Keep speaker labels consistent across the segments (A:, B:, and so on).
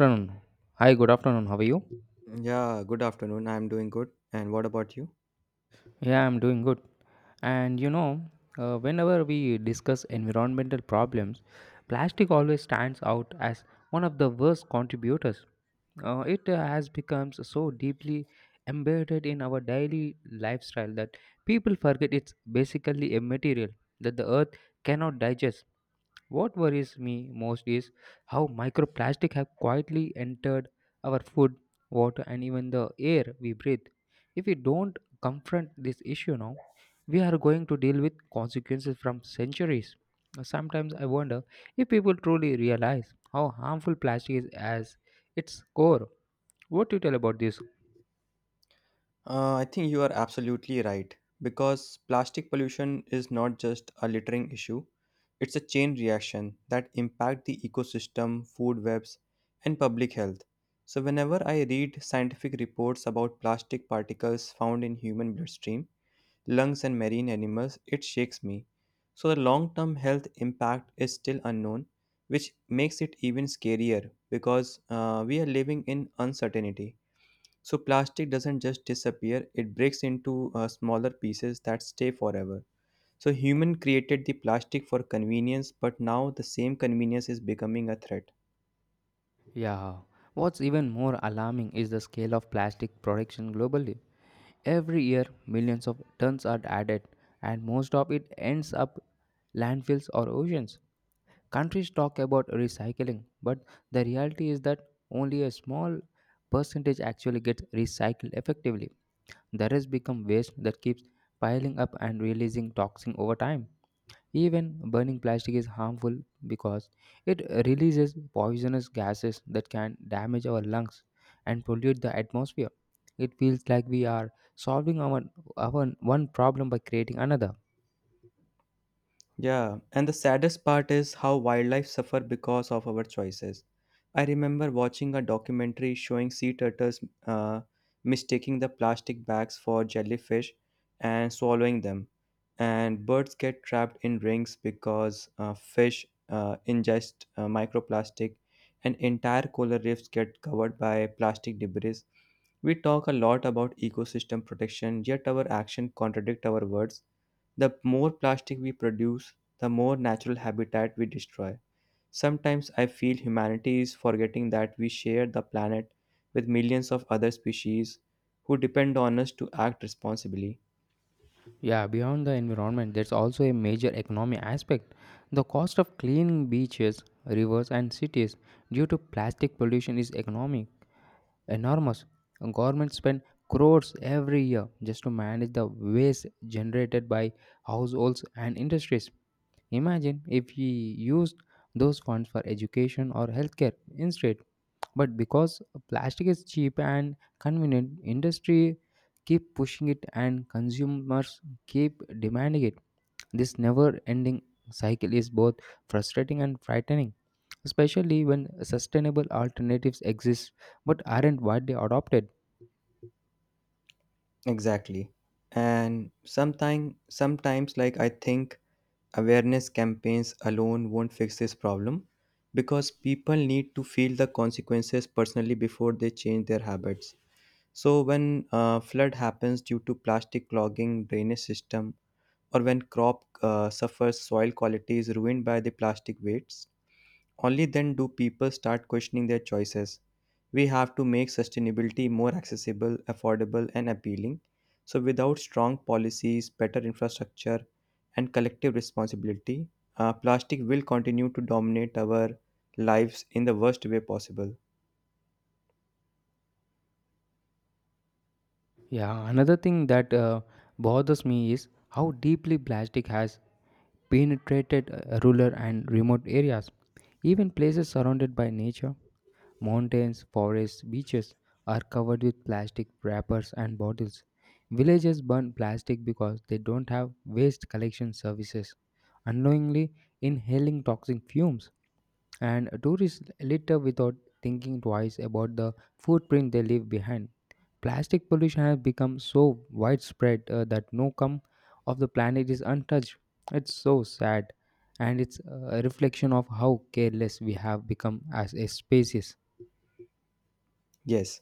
A: Afternoon. Hi, good afternoon. How are you?
B: Yeah, good afternoon. I'm doing good. And what about you?
A: Yeah, I'm doing good. And whenever we discuss environmental problems, plastic always stands out as one of the worst contributors. It has become so deeply embedded in our daily lifestyle that people forget it's basically a material that the earth cannot digest. What worries me most is how microplastic have quietly entered our food, water and even the air we breathe. If we don't confront this issue now, we are going to deal with consequences from centuries. Sometimes I wonder if people truly realize how harmful plastic is as its core. What do you tell about this?
B: I think you are absolutely right because plastic pollution is not just a littering issue, it's a chain reaction that impact the ecosystem, food webs, and public health. So whenever I read scientific reports about plastic particles found in human bloodstream, lungs, and marine animals, it shakes me. So the long term health impact is still unknown, which makes it even scarier because we are living in uncertainty. So plastic doesn't just disappear, it breaks into smaller pieces that stay forever. So human created the plastic for convenience, but now the same convenience is becoming a threat.
A: Yeah. What's even more alarming is the scale of plastic production globally. Every year, millions of tons are added, and most of it ends up landfills or oceans. Countries talk about recycling, but the reality is that only a small percentage actually gets recycled effectively. The rest become waste that keeps piling up and releasing toxin over time. Even burning plastic is harmful because it releases poisonous gases that can damage our lungs and pollute the atmosphere. It feels like we are solving our one problem by creating another.
B: Yeah, and the saddest part is how wildlife suffer because of our choices. I remember watching a documentary showing sea turtles uh, mistaking the plastic bags for jellyfish and swallowing them. And birds get trapped in rings because fish ingest microplastic, and entire coral reefs get covered by plastic debris. We talk a lot about ecosystem protection, yet our action contradict our words. The more plastic we produce, the more natural habitat we destroy. Sometimes I feel humanity is forgetting that we share the planet with millions of other species who depend on us to act responsibly.
A: Yeah, beyond the environment, there's also a major economic aspect. The cost of cleaning beaches, rivers, and cities due to plastic pollution is economic enormous. Governments spend crores every year just to manage the waste generated by households and industries. Imagine if we used those funds for education or healthcare instead. But because plastic is cheap and convenient, industry keep pushing it and consumers keep demanding it. This never ending cycle is both frustrating and frightening, especially when sustainable alternatives exist but aren't widely adopted.
B: Exactly. And sometimes, like I think awareness campaigns alone won't fix this problem because people need to feel the consequences personally before they change their habits. So when flood happens due to plastic clogging drainage system, or when crop suffers soil quality is ruined by the plastic waste, only then do people start questioning their choices. We have to make sustainability more accessible, affordable, and appealing. So without strong policies, better infrastructure, and collective responsibility, plastic will continue to dominate our lives in the worst way possible.
A: Yeah, another thing that bothers me is how deeply plastic has penetrated rural and remote areas, even places surrounded by nature. Mountains, forests, beaches are covered with plastic wrappers and bottles. Villages burn plastic because they don't have waste collection services, unknowingly inhaling toxic fumes and tourists litter without thinking twice about the footprint they leave behind. Plastic pollution has become so widespread that no comb of the planet is untouched. It's so sad, and it's a reflection of how careless we have become as a species.
B: Yes.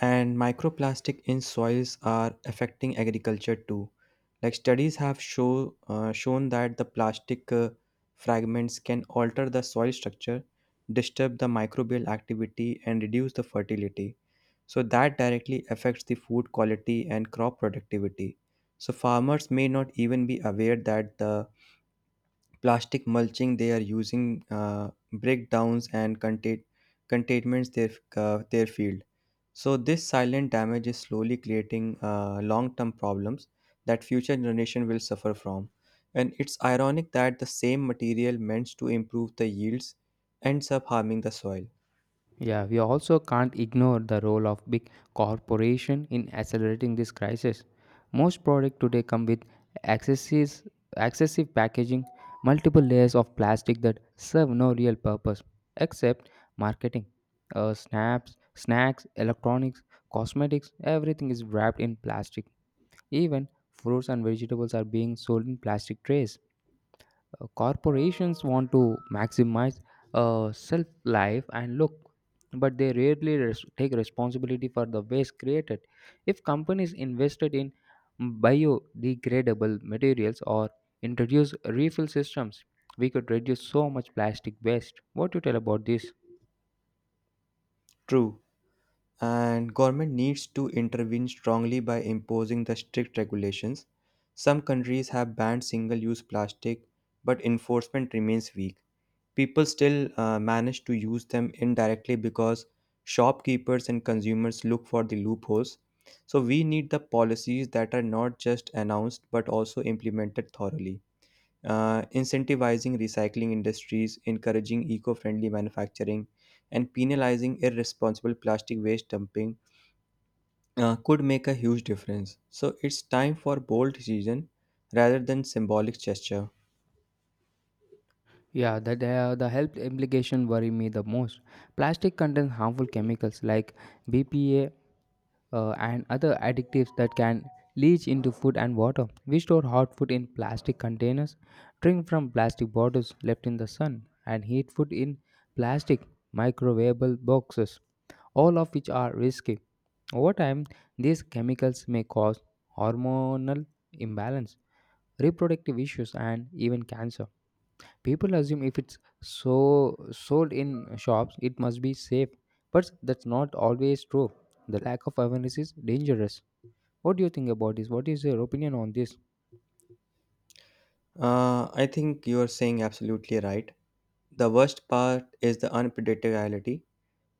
B: And microplastic in soils are affecting agriculture too. Like shown that the plastic fragments can alter the soil structure, disturb the microbial activity, and reduce the fertility. So that directly affects the food quality and crop productivity. So farmers may not even be aware that the plastic mulching they are using breakdowns and containments their field so this silent damage is slowly creating long-term problems that future generation will suffer from, and it's ironic that the same material meant to improve the yields ends up harming the soil.
A: Yeah, we also can't ignore the role of big corporation in accelerating this crisis. Most products today come with excesses- excessive packaging, multiple layers of plastic that serve no real purpose except marketing. Snacks, electronics, cosmetics, everything is wrapped in plastic. Even fruits and vegetables are being sold in plastic trays. Corporations want to maximize self life and look, but they rarely take responsibility for the waste created. If companies invested in biodegradable materials or introduce refill systems, we could reduce so much plastic waste. What do you tell about this?
B: True. And government needs to intervene strongly by imposing the strict regulations. Some countries have banned single-use plastic, but enforcement remains weak. People still manage to use them indirectly because shopkeepers and consumers look for the loopholes. So we need the policies that are not just announced but also implemented thoroughly. Incentivizing recycling industries, encouraging eco-friendly manufacturing, and penalizing irresponsible plastic waste dumping could make a huge difference. So it's time for bold decision rather than symbolic gesture.
A: Yeah, that the health implication worry me the most. Plastic contains harmful chemicals like BPA and other additives that can leach into food and water. We store hot food in plastic containers, drink from plastic bottles left in the sun, and heat food in plastic microwavable boxes, all of which are risky. Over time, these chemicals may cause hormonal imbalance, reproductive issues, and even cancer. People assume if it's so sold in shops, it must be safe, but that's not always true. The lack of awareness is dangerous. What do you think about this? What is your opinion on this?
B: I think you are saying absolutely right. The worst part is the unpredictability.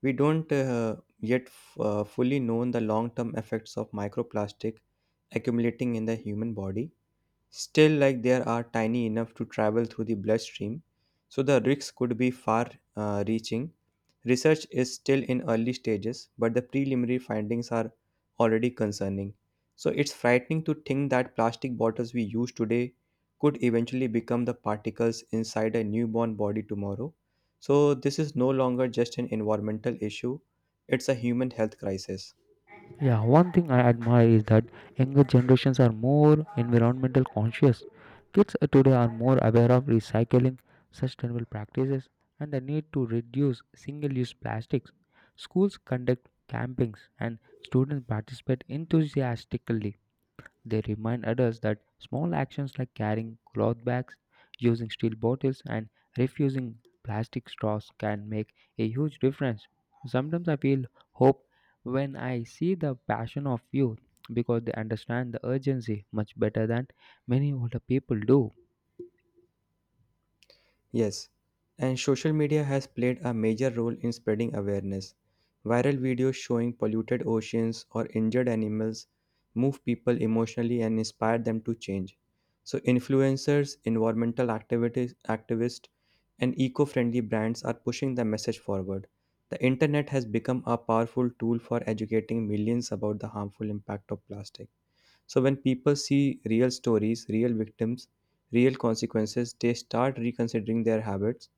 B: We don't fully know the long term effects of microplastic accumulating in the human body. Still, like there are tiny enough to travel through the bloodstream, so the risks could be far reaching. Research is still in early stages, but the preliminary findings are already concerning. So it's frightening to think that plastic bottles we use today could eventually become the particles inside a newborn body tomorrow. So this is no longer just an environmental issue, it's a human health crisis.
A: Yeah, one thing I admire is that younger generations are more environmental conscious. Kids today are more aware of recycling, sustainable practices, and the need to reduce single use plastics. Schools conduct campings and students participate enthusiastically. They remind adults that small actions like carrying cloth bags, using steel bottles, and refusing plastic straws can make a huge difference. Sometimes I feel hope when I see the passion of youth because they understand the urgency much better than many older people do.
B: Yes, and social media has played a major role in spreading awareness. Viral videos showing polluted oceans or injured animals move people emotionally and inspire them to change. So, influencers, environmental activities, activists, and eco friendly brands are pushing the message forward. The internet has become a powerful tool for educating millions about the harmful impact of plastic. So, when people see real stories, real victims, real consequences, they start reconsidering their habits.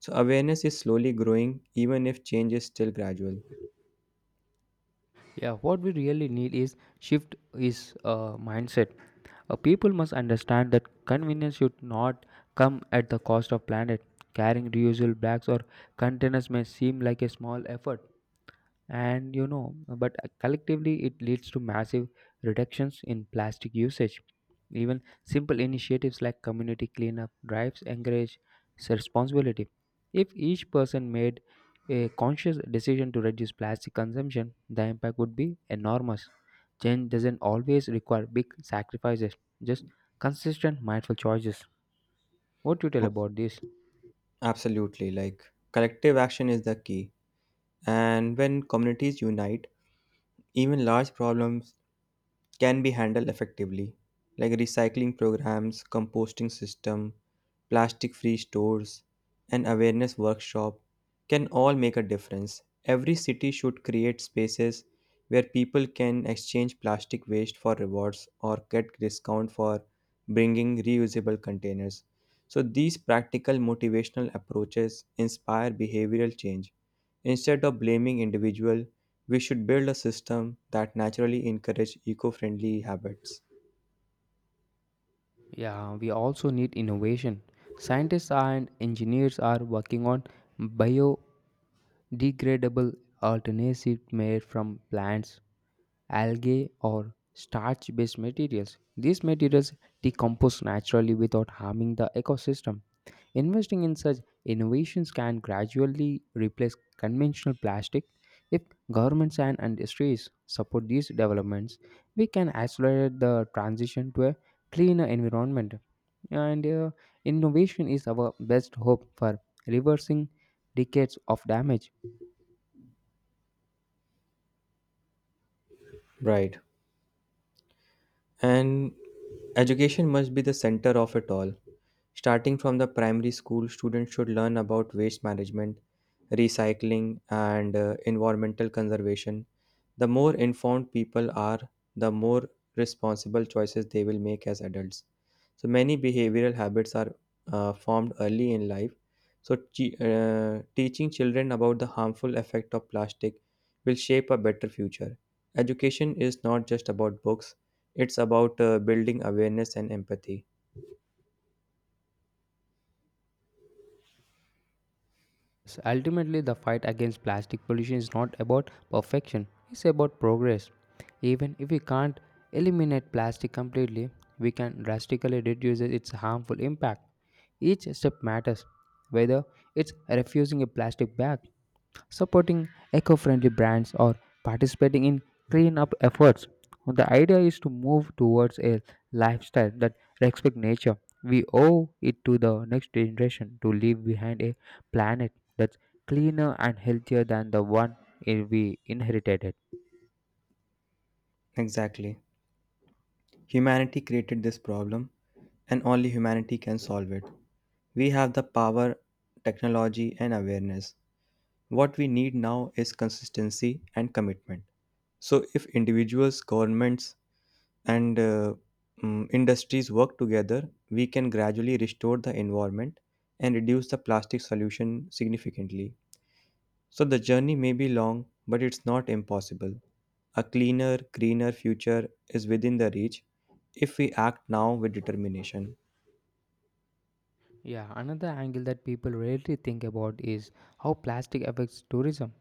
B: So, awareness is slowly growing, even if change is still gradual.
A: Yeah, what we really need is shift is mindset. People must understand that convenience should not come at the cost of planet. Carrying reusable bags or containers may seem like a small effort, and but collectively it leads to massive reductions in plastic usage. Even simple initiatives like community cleanup drives encourage responsibility. If each person made a conscious decision to reduce plastic consumption, the impact would be enormous. Change doesn't always require big sacrifices, just consistent mindful choices. What do you tell
B: Ab-
A: about this?
B: Absolutely. Like, collective action is the key. And when communities unite, even large problems can be handled effectively, like recycling programs, composting system, plastic free stores, and awareness workshop can all make a difference. Every city should create spaces where people can exchange plastic waste for rewards or get discount for bringing reusable containers. So these practical motivational approaches inspire behavioral change instead of blaming individual, we should build a system that naturally encourages eco friendly habits.
A: Yeah, we also need innovation. Scientists and engineers are working on biodegradable alternatives made from plants, algae, or starch based materials. These materials decompose naturally without harming the ecosystem. Investing in such innovations can gradually replace conventional plastic. If governments and industries support these developments, we can accelerate the transition to a cleaner environment, and innovation is our best hope for reversing decades of damage.
B: Right. And education must be the center of it all. Starting from the primary school, students should learn about waste management, recycling, and environmental conservation. The more informed people are, the more responsible choices they will make as adults. So, many behavioral habits are formed early in life. So, teaching children about the harmful effect of plastic will shape a better future. Education is not just about books, it's about building awareness and empathy.
A: So ultimately, the fight against plastic pollution is not about perfection, it's about progress. Even if we can't eliminate plastic completely, we can drastically reduce its harmful impact. Each step matters, whether it's refusing a plastic bag, supporting eco-friendly brands or participating in cleanup efforts. The idea is to move towards a lifestyle that respects nature. We owe it to the next generation to leave behind a planet that's cleaner and healthier than the one we inherited.
B: Exactly. Humanity created this problem, and only humanity can solve it. We have the power, technology, and awareness. What we need now is consistency and commitment. So, if individuals, governments, and industries work together, we can gradually restore the environment and reduce the plastic solution significantly. So the journey may be long, but it's not impossible. A cleaner, greener future is within the reach if we act now with determination.
A: Yeah, another angle that people rarely think about is how plastic affects tourism.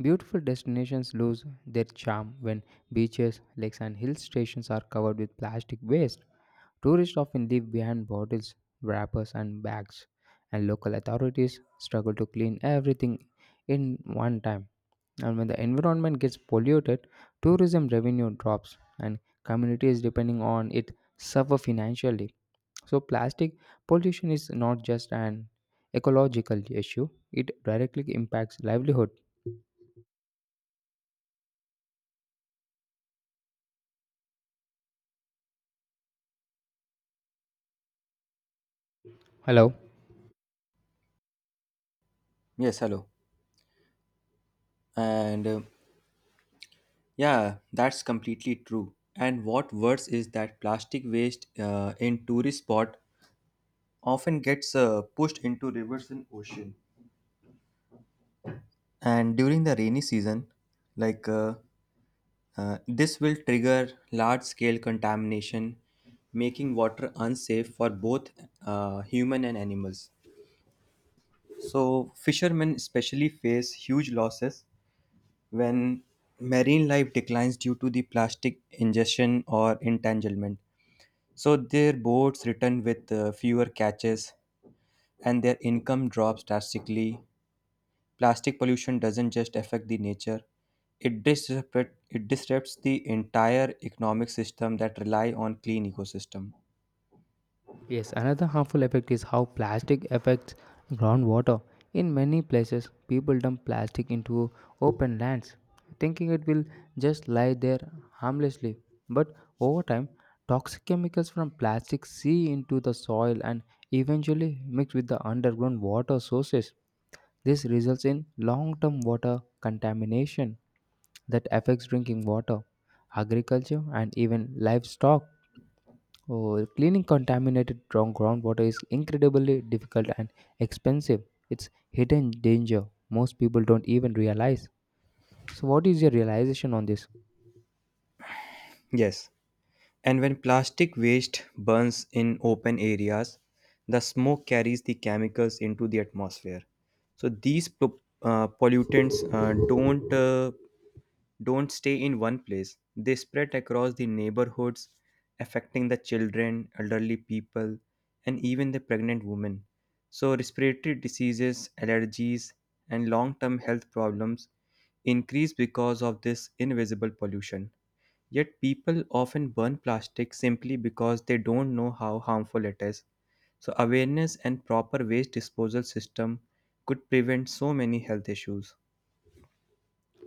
A: Beautiful destinations lose their charm when beaches, lakes, and hill stations are covered with plastic waste. Tourists often leave behind bottles, wrappers, and bags, and local authorities struggle to clean everything in one time. And when the environment gets polluted, tourism revenue drops, and communities depending on it suffer financially. So, plastic pollution is not just an ecological issue, it directly impacts livelihood. Hello.
B: Yes, hello. And yeah, that's completely true. And what worse is that plastic waste in tourist spot often gets pushed into rivers and ocean. And during the rainy season, like uh, this will trigger large scale contamination, making water unsafe for both human and animals. So, fishermen especially face huge losses when marine life declines due to the plastic ingestion or entanglement. So, their boats return with fewer catches and their income drops drastically. Plastic pollution doesn't just affect the nature, it disrupts the entire economic system that rely on clean ecosystem.
A: Yes, another harmful effect is how plastic affects groundwater. In many places, people dump plastic into open lands, thinking it will just lie there harmlessly. But over time, toxic chemicals from plastic seep into the soil and eventually mix with the underground water sources. This results in long term water contamination that affects drinking water, agriculture, and even livestock. Oh, cleaning contaminated groundwater is incredibly difficult and expensive. It's hidden danger most people don't even realize. So, what is your realization on this?
B: Yes. And when plastic waste burns in open areas, the smoke carries the chemicals into the atmosphere. So these pollutants don't stay in one place. They spread across the neighborhoods, affecting the children, elderly people, and even the pregnant women. So respiratory diseases, allergies, and long-term health problems increase because of this invisible pollution. Yet people often burn plastic simply because they don't know how harmful it is. So awareness and proper waste disposal system could prevent so many health issues.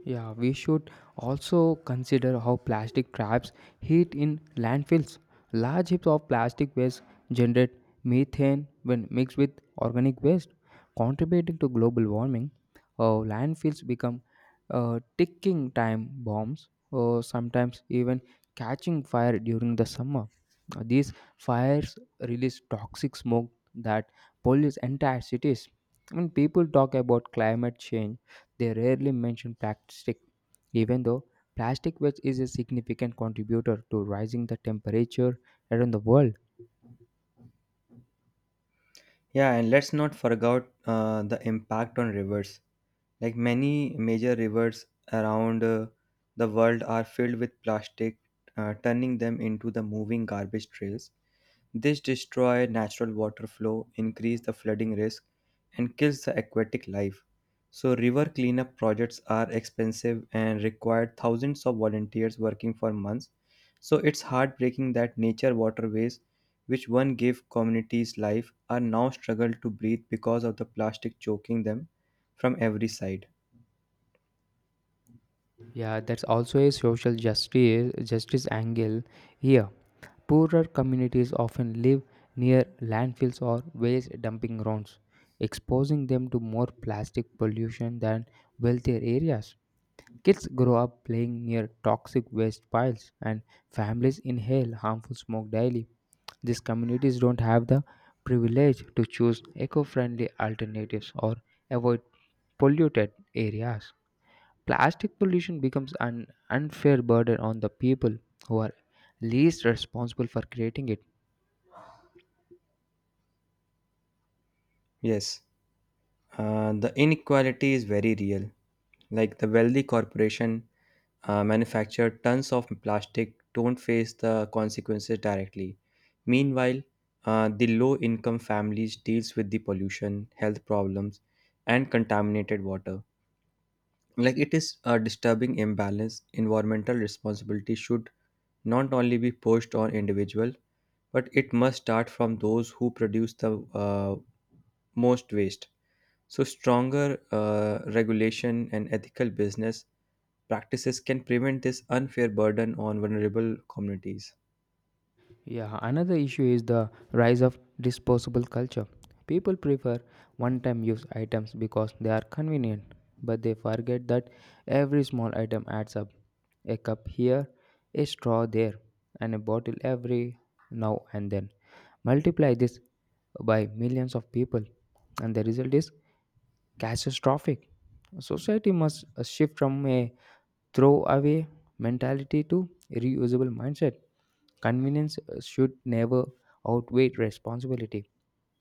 A: Yeah, we should also consider how plastic traps heat in landfills. Large heaps of plastic waste generate methane when mixed with organic waste, contributing to global warming. Landfills become ticking time bombs, or sometimes even catching fire during the summer. These fires release toxic smoke that pollutes entire cities. I mean, people talk about climate change, they rarely mention plastic, even though plastic waste is a significant contributor to rising the temperature around the world.
B: Yeah, and let's not forget the impact on rivers. Like many major rivers around the world are filled with plastic, turning them into the moving garbage trails. This destroy natural water flow, increase the flooding risk, and kills the aquatic life. So river cleanup projects are expensive and require thousands of volunteers working for months. So it's heartbreaking that nature waterways, which one gave communities life, are now struggle to breathe because of the plastic choking them from every side.
A: Yeah, that's also a social justice justice angle here. Poorer communities often live near landfills or waste dumping grounds, exposing them to more plastic pollution than wealthier areas. Kids grow up playing near toxic waste piles, and families inhale harmful smoke daily. These communities don't have the privilege to choose eco friendly alternatives or avoid polluted areas. Plastic pollution becomes an unfair burden on the people who are least responsible for creating it.
B: Yes. The inequality is very real. Like the wealthy corporation manufacture tons of plastic don't face the consequences directly. Meanwhile, the low income families deals with the pollution, health problems, and contaminated water. Like it is a disturbing imbalance. Environmental responsibility should not only be pushed on individual, but it must start from those who produce the most waste. So, stronger regulation and ethical business practices can prevent this unfair burden on vulnerable communities.
A: Yeah, another issue is the rise of disposable culture. People prefer one time use items because they are convenient, but they forget that every small item adds up. A cup here, a straw there, and a bottle every now and then. Multiply this by millions of people, and the result is catastrophic. Society must shift from a throw away mentality to reusable mindset. Convenience should never outweigh responsibility,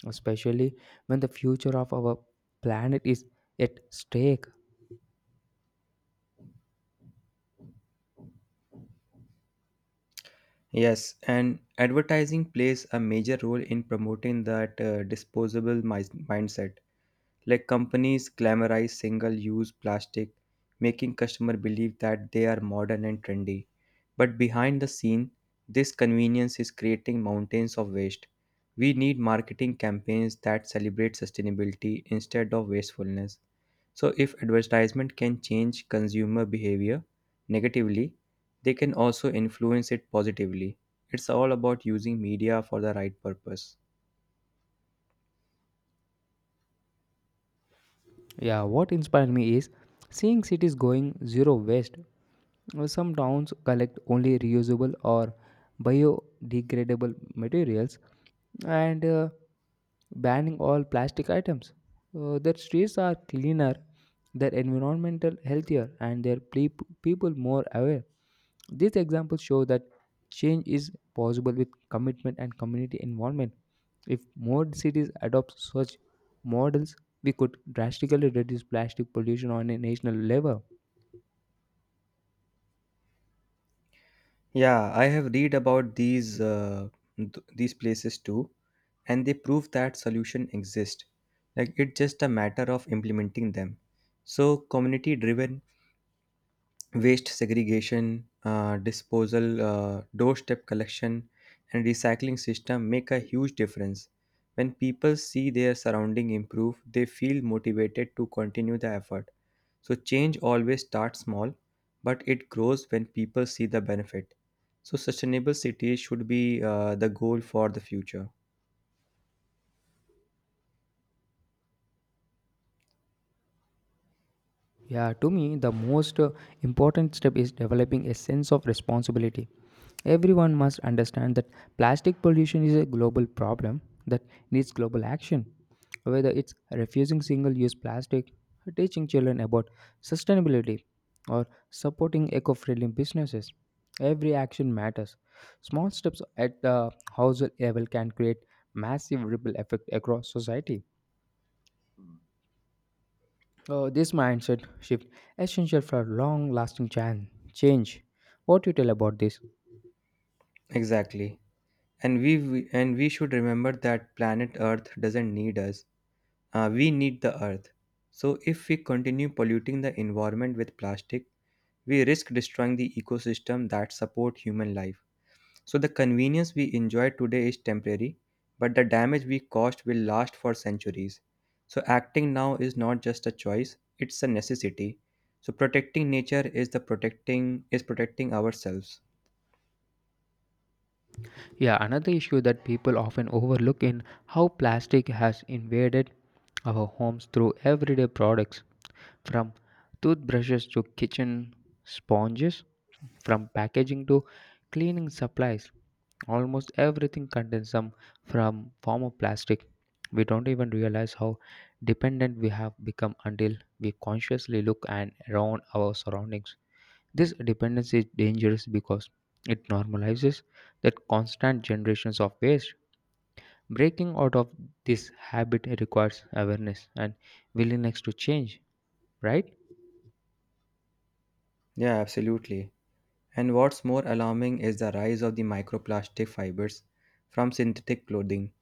A: especially when the future of our planet is at stake.
B: Yes, and advertising plays a major role in promoting that disposable mindset. Like companies glamorize single use plastic, making customer believe that they are modern and trendy. But behind the scene, this convenience is creating mountains of waste. We need marketing campaigns that celebrate sustainability instead of wastefulness. So, if advertisement can change consumer behavior negatively, they can also influence it positively. It's all about using media for the right purpose.
A: Yeah, what inspired me is seeing cities going zero waste. Some towns collect only reusable or biodegradable materials, and banning all plastic items. Their streets are cleaner, their environmental healthier, and their people more aware. These examples show that change is possible with commitment and community involvement. If more cities adopt such models, we could drastically reduce plastic pollution on a national level.
B: Yeah, I have read about these these places too, and they prove that solution exist. Like it's just a matter of implementing them. So community-driven waste segregation, disposal, doorstep collection, and recycling system make a huge difference. When people see their surrounding improve, they feel motivated to continue the effort. So change always starts small, but it grows when people see the benefit. So sustainable cities should be the goal for the future.
A: Yeah, to me, the most important step is developing a sense of responsibility. Everyone must understand that plastic pollution is a global problem that needs global action. Whether it's refusing single use plastic, teaching children about sustainability, or supporting eco friendly businesses, every action matters. Small steps at the household level can create massive ripple effect across society. This mindset shift essential for long-lasting change. What do you tell about this?
B: Exactly. And we should remember that planet Earth doesn't need us. We need the Earth. So if we continue polluting the environment with plastic, we risk destroying the ecosystem that support human life. So the convenience we enjoy today is temporary, but the damage we caused will last for centuries. So acting now is not just a choice, it's a necessity. So protecting nature is the protecting is protecting ourselves.
A: Yeah, another issue that people often overlook in how plastic has invaded our homes through everyday products. From toothbrushes to kitchen sponges, from packaging to cleaning supplies, almost everything contains some from form of plastic. We don't even realize how dependent we have become until we consciously look and around our surroundings. This dependence is dangerous because it normalizes that constant generations of waste. Breaking out of this habit requires awareness and willingness to change, right?
B: Yeah, absolutely. And what's more alarming is the rise of the microplastic fibers from synthetic clothing.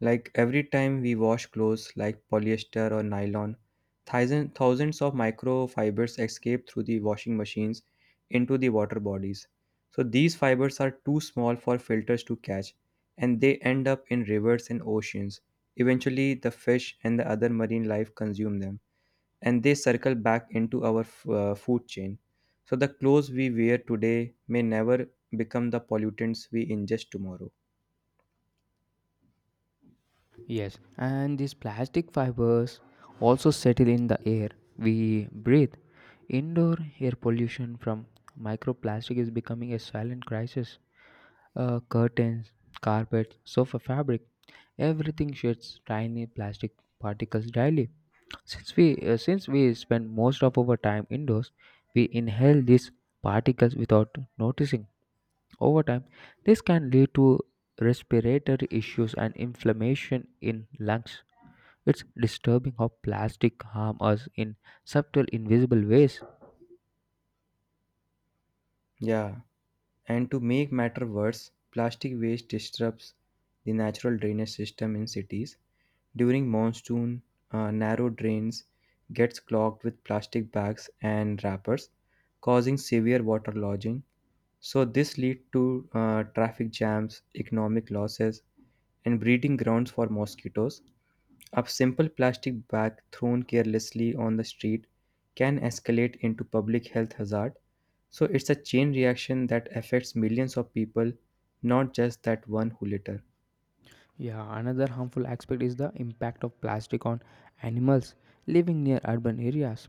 B: Like every time we wash clothes like polyester or nylon, thousands of microfibers escape through the washing machines into the water bodies. So these fibers are too small for filters to catch and they end up in rivers and oceans. Eventually, the fish and the other marine life consume them and they circle back into our food chain. So the clothes we wear today may never become the pollutants we ingest tomorrow.
A: Yes, and these plastic fibers also settle in the air we breathe. Indoor air pollution from microplastic is becoming a silent crisis. Curtains, carpets, sofa fabric, everything sheds tiny plastic particles daily. Since we spend most of our time indoors, we inhale these particles without noticing. Over time, this can lead to respiratory issues and inflammation in lungs. It's disturbing how plastic harm us in subtle, invisible ways.
B: Yeah. And to make matter worse, plastic waste disrupts the natural drainage system in cities. During monsoon, narrow drains gets clogged with plastic bags and wrappers, causing severe water lodging. So this lead to traffic jams, economic losses, and breeding grounds for mosquitoes. A simple plastic bag thrown carelessly on the street can escalate into public health hazard. So it's a chain reaction that affects millions of people, not just that one who litter.
A: Yeah, another harmful aspect is the impact of plastic on animals living near urban areas.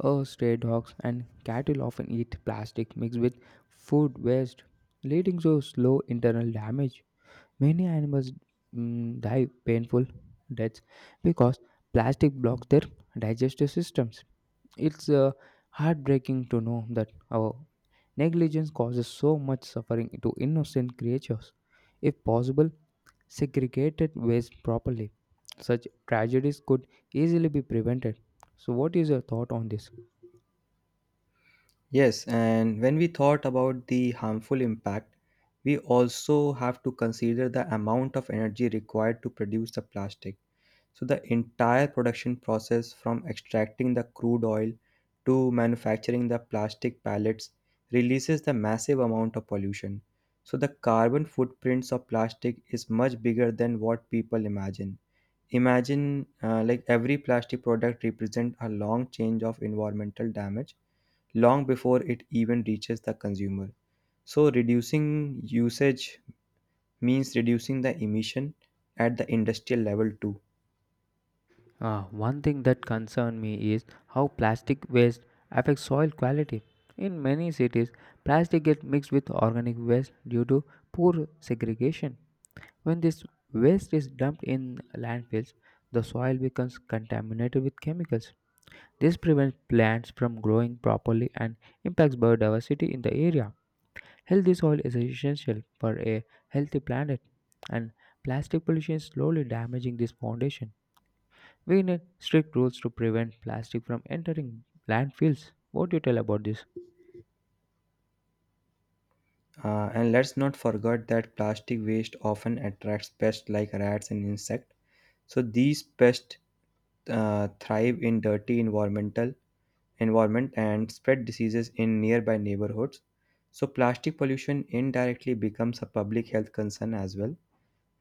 A: Oh, stray dogs and cattle often eat plastic mixed with food waste, leading to slow internal damage. Many animals die painful deaths because plastic blocks their digestive systems. It's heartbreaking to know that our negligence causes so much suffering to innocent creatures. If possible, segregated waste properly, such tragedies could easily be prevented. So, what is your thought on this?
B: Yes, and when we thought about the harmful impact, we also have to consider the amount of energy required to produce the plastic. So the entire production process from extracting the crude oil to manufacturing the plastic pallets releases the massive amount of pollution. So the carbon footprints of plastic is much bigger than what people imagine. Imagine like every plastic product represents a long change of environmental damage long before it even reaches the consumer. So reducing usage means reducing the emission at the industrial level too.
A: One thing that concerns me is how plastic waste affects soil quality. In many cities, plastic gets mixed with organic waste due to poor segregation. When this waste is dumped in landfills, the soil becomes contaminated with chemicals. This prevents plants from growing properly and impacts biodiversity in the area. Healthy soil is essential for a healthy planet, and plastic pollution is slowly damaging this foundation. We need strict rules to prevent plastic from entering landfills. What do you tell about this?
B: And let's not forget that plastic waste often attracts pests like rats and insects. So these pests thrive in dirty environment and spread diseases in nearby neighborhoods. So plastic pollution indirectly becomes a public health concern as well.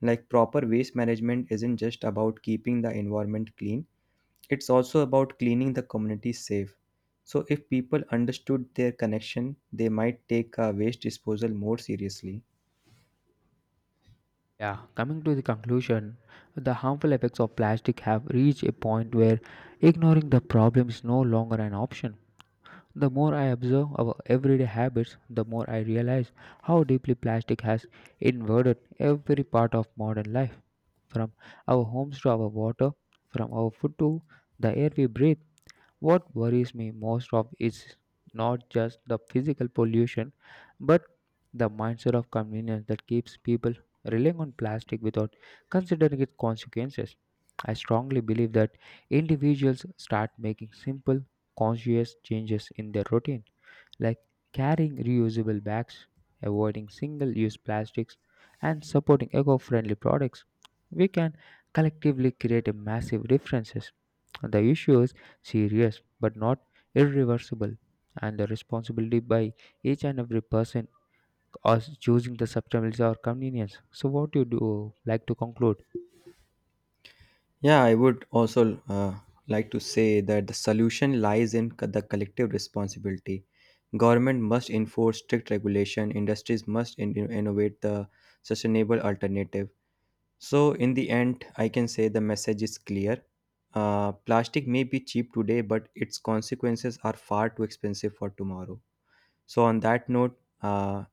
B: Like proper waste management isn't just about keeping the environment clean; it's also about cleaning the community safe. So if people understood their connection, they might take waste disposal more seriously.
A: Yeah, coming to the conclusion, the harmful effects of plastic have reached a point where ignoring the problem is no longer an option. The more I observe our everyday habits, the more I realize how deeply plastic has invaded every part of modern life, from our homes to our water, from our food to the air we breathe. What worries me most of is not just the physical pollution, but the mindset of convenience that keeps people relying on plastic without considering its consequences. I strongly believe that individuals start making simple, conscious changes in their routine like carrying reusable bags, avoiding single use plastics, and supporting eco friendly products, we can collectively create a massive differences. The issue is serious but not irreversible, and the responsibility by each and every person is choosing the sustainability or convenience. So, what do you do like to conclude?
B: Yeah, I would also like to say that the solution lies in the collective responsibility. Government must enforce strict regulation, industries must innovate the sustainable alternative. So, in the end, I can say the message is clear. Plastic may be cheap today, but its consequences are far too expensive for tomorrow. So, on that note, uh,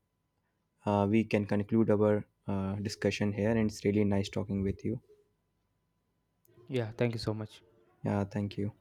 B: uh, we can conclude our discussion here, and it's really nice talking with you.
A: Yeah, thank you so much.
B: Yeah, thank you.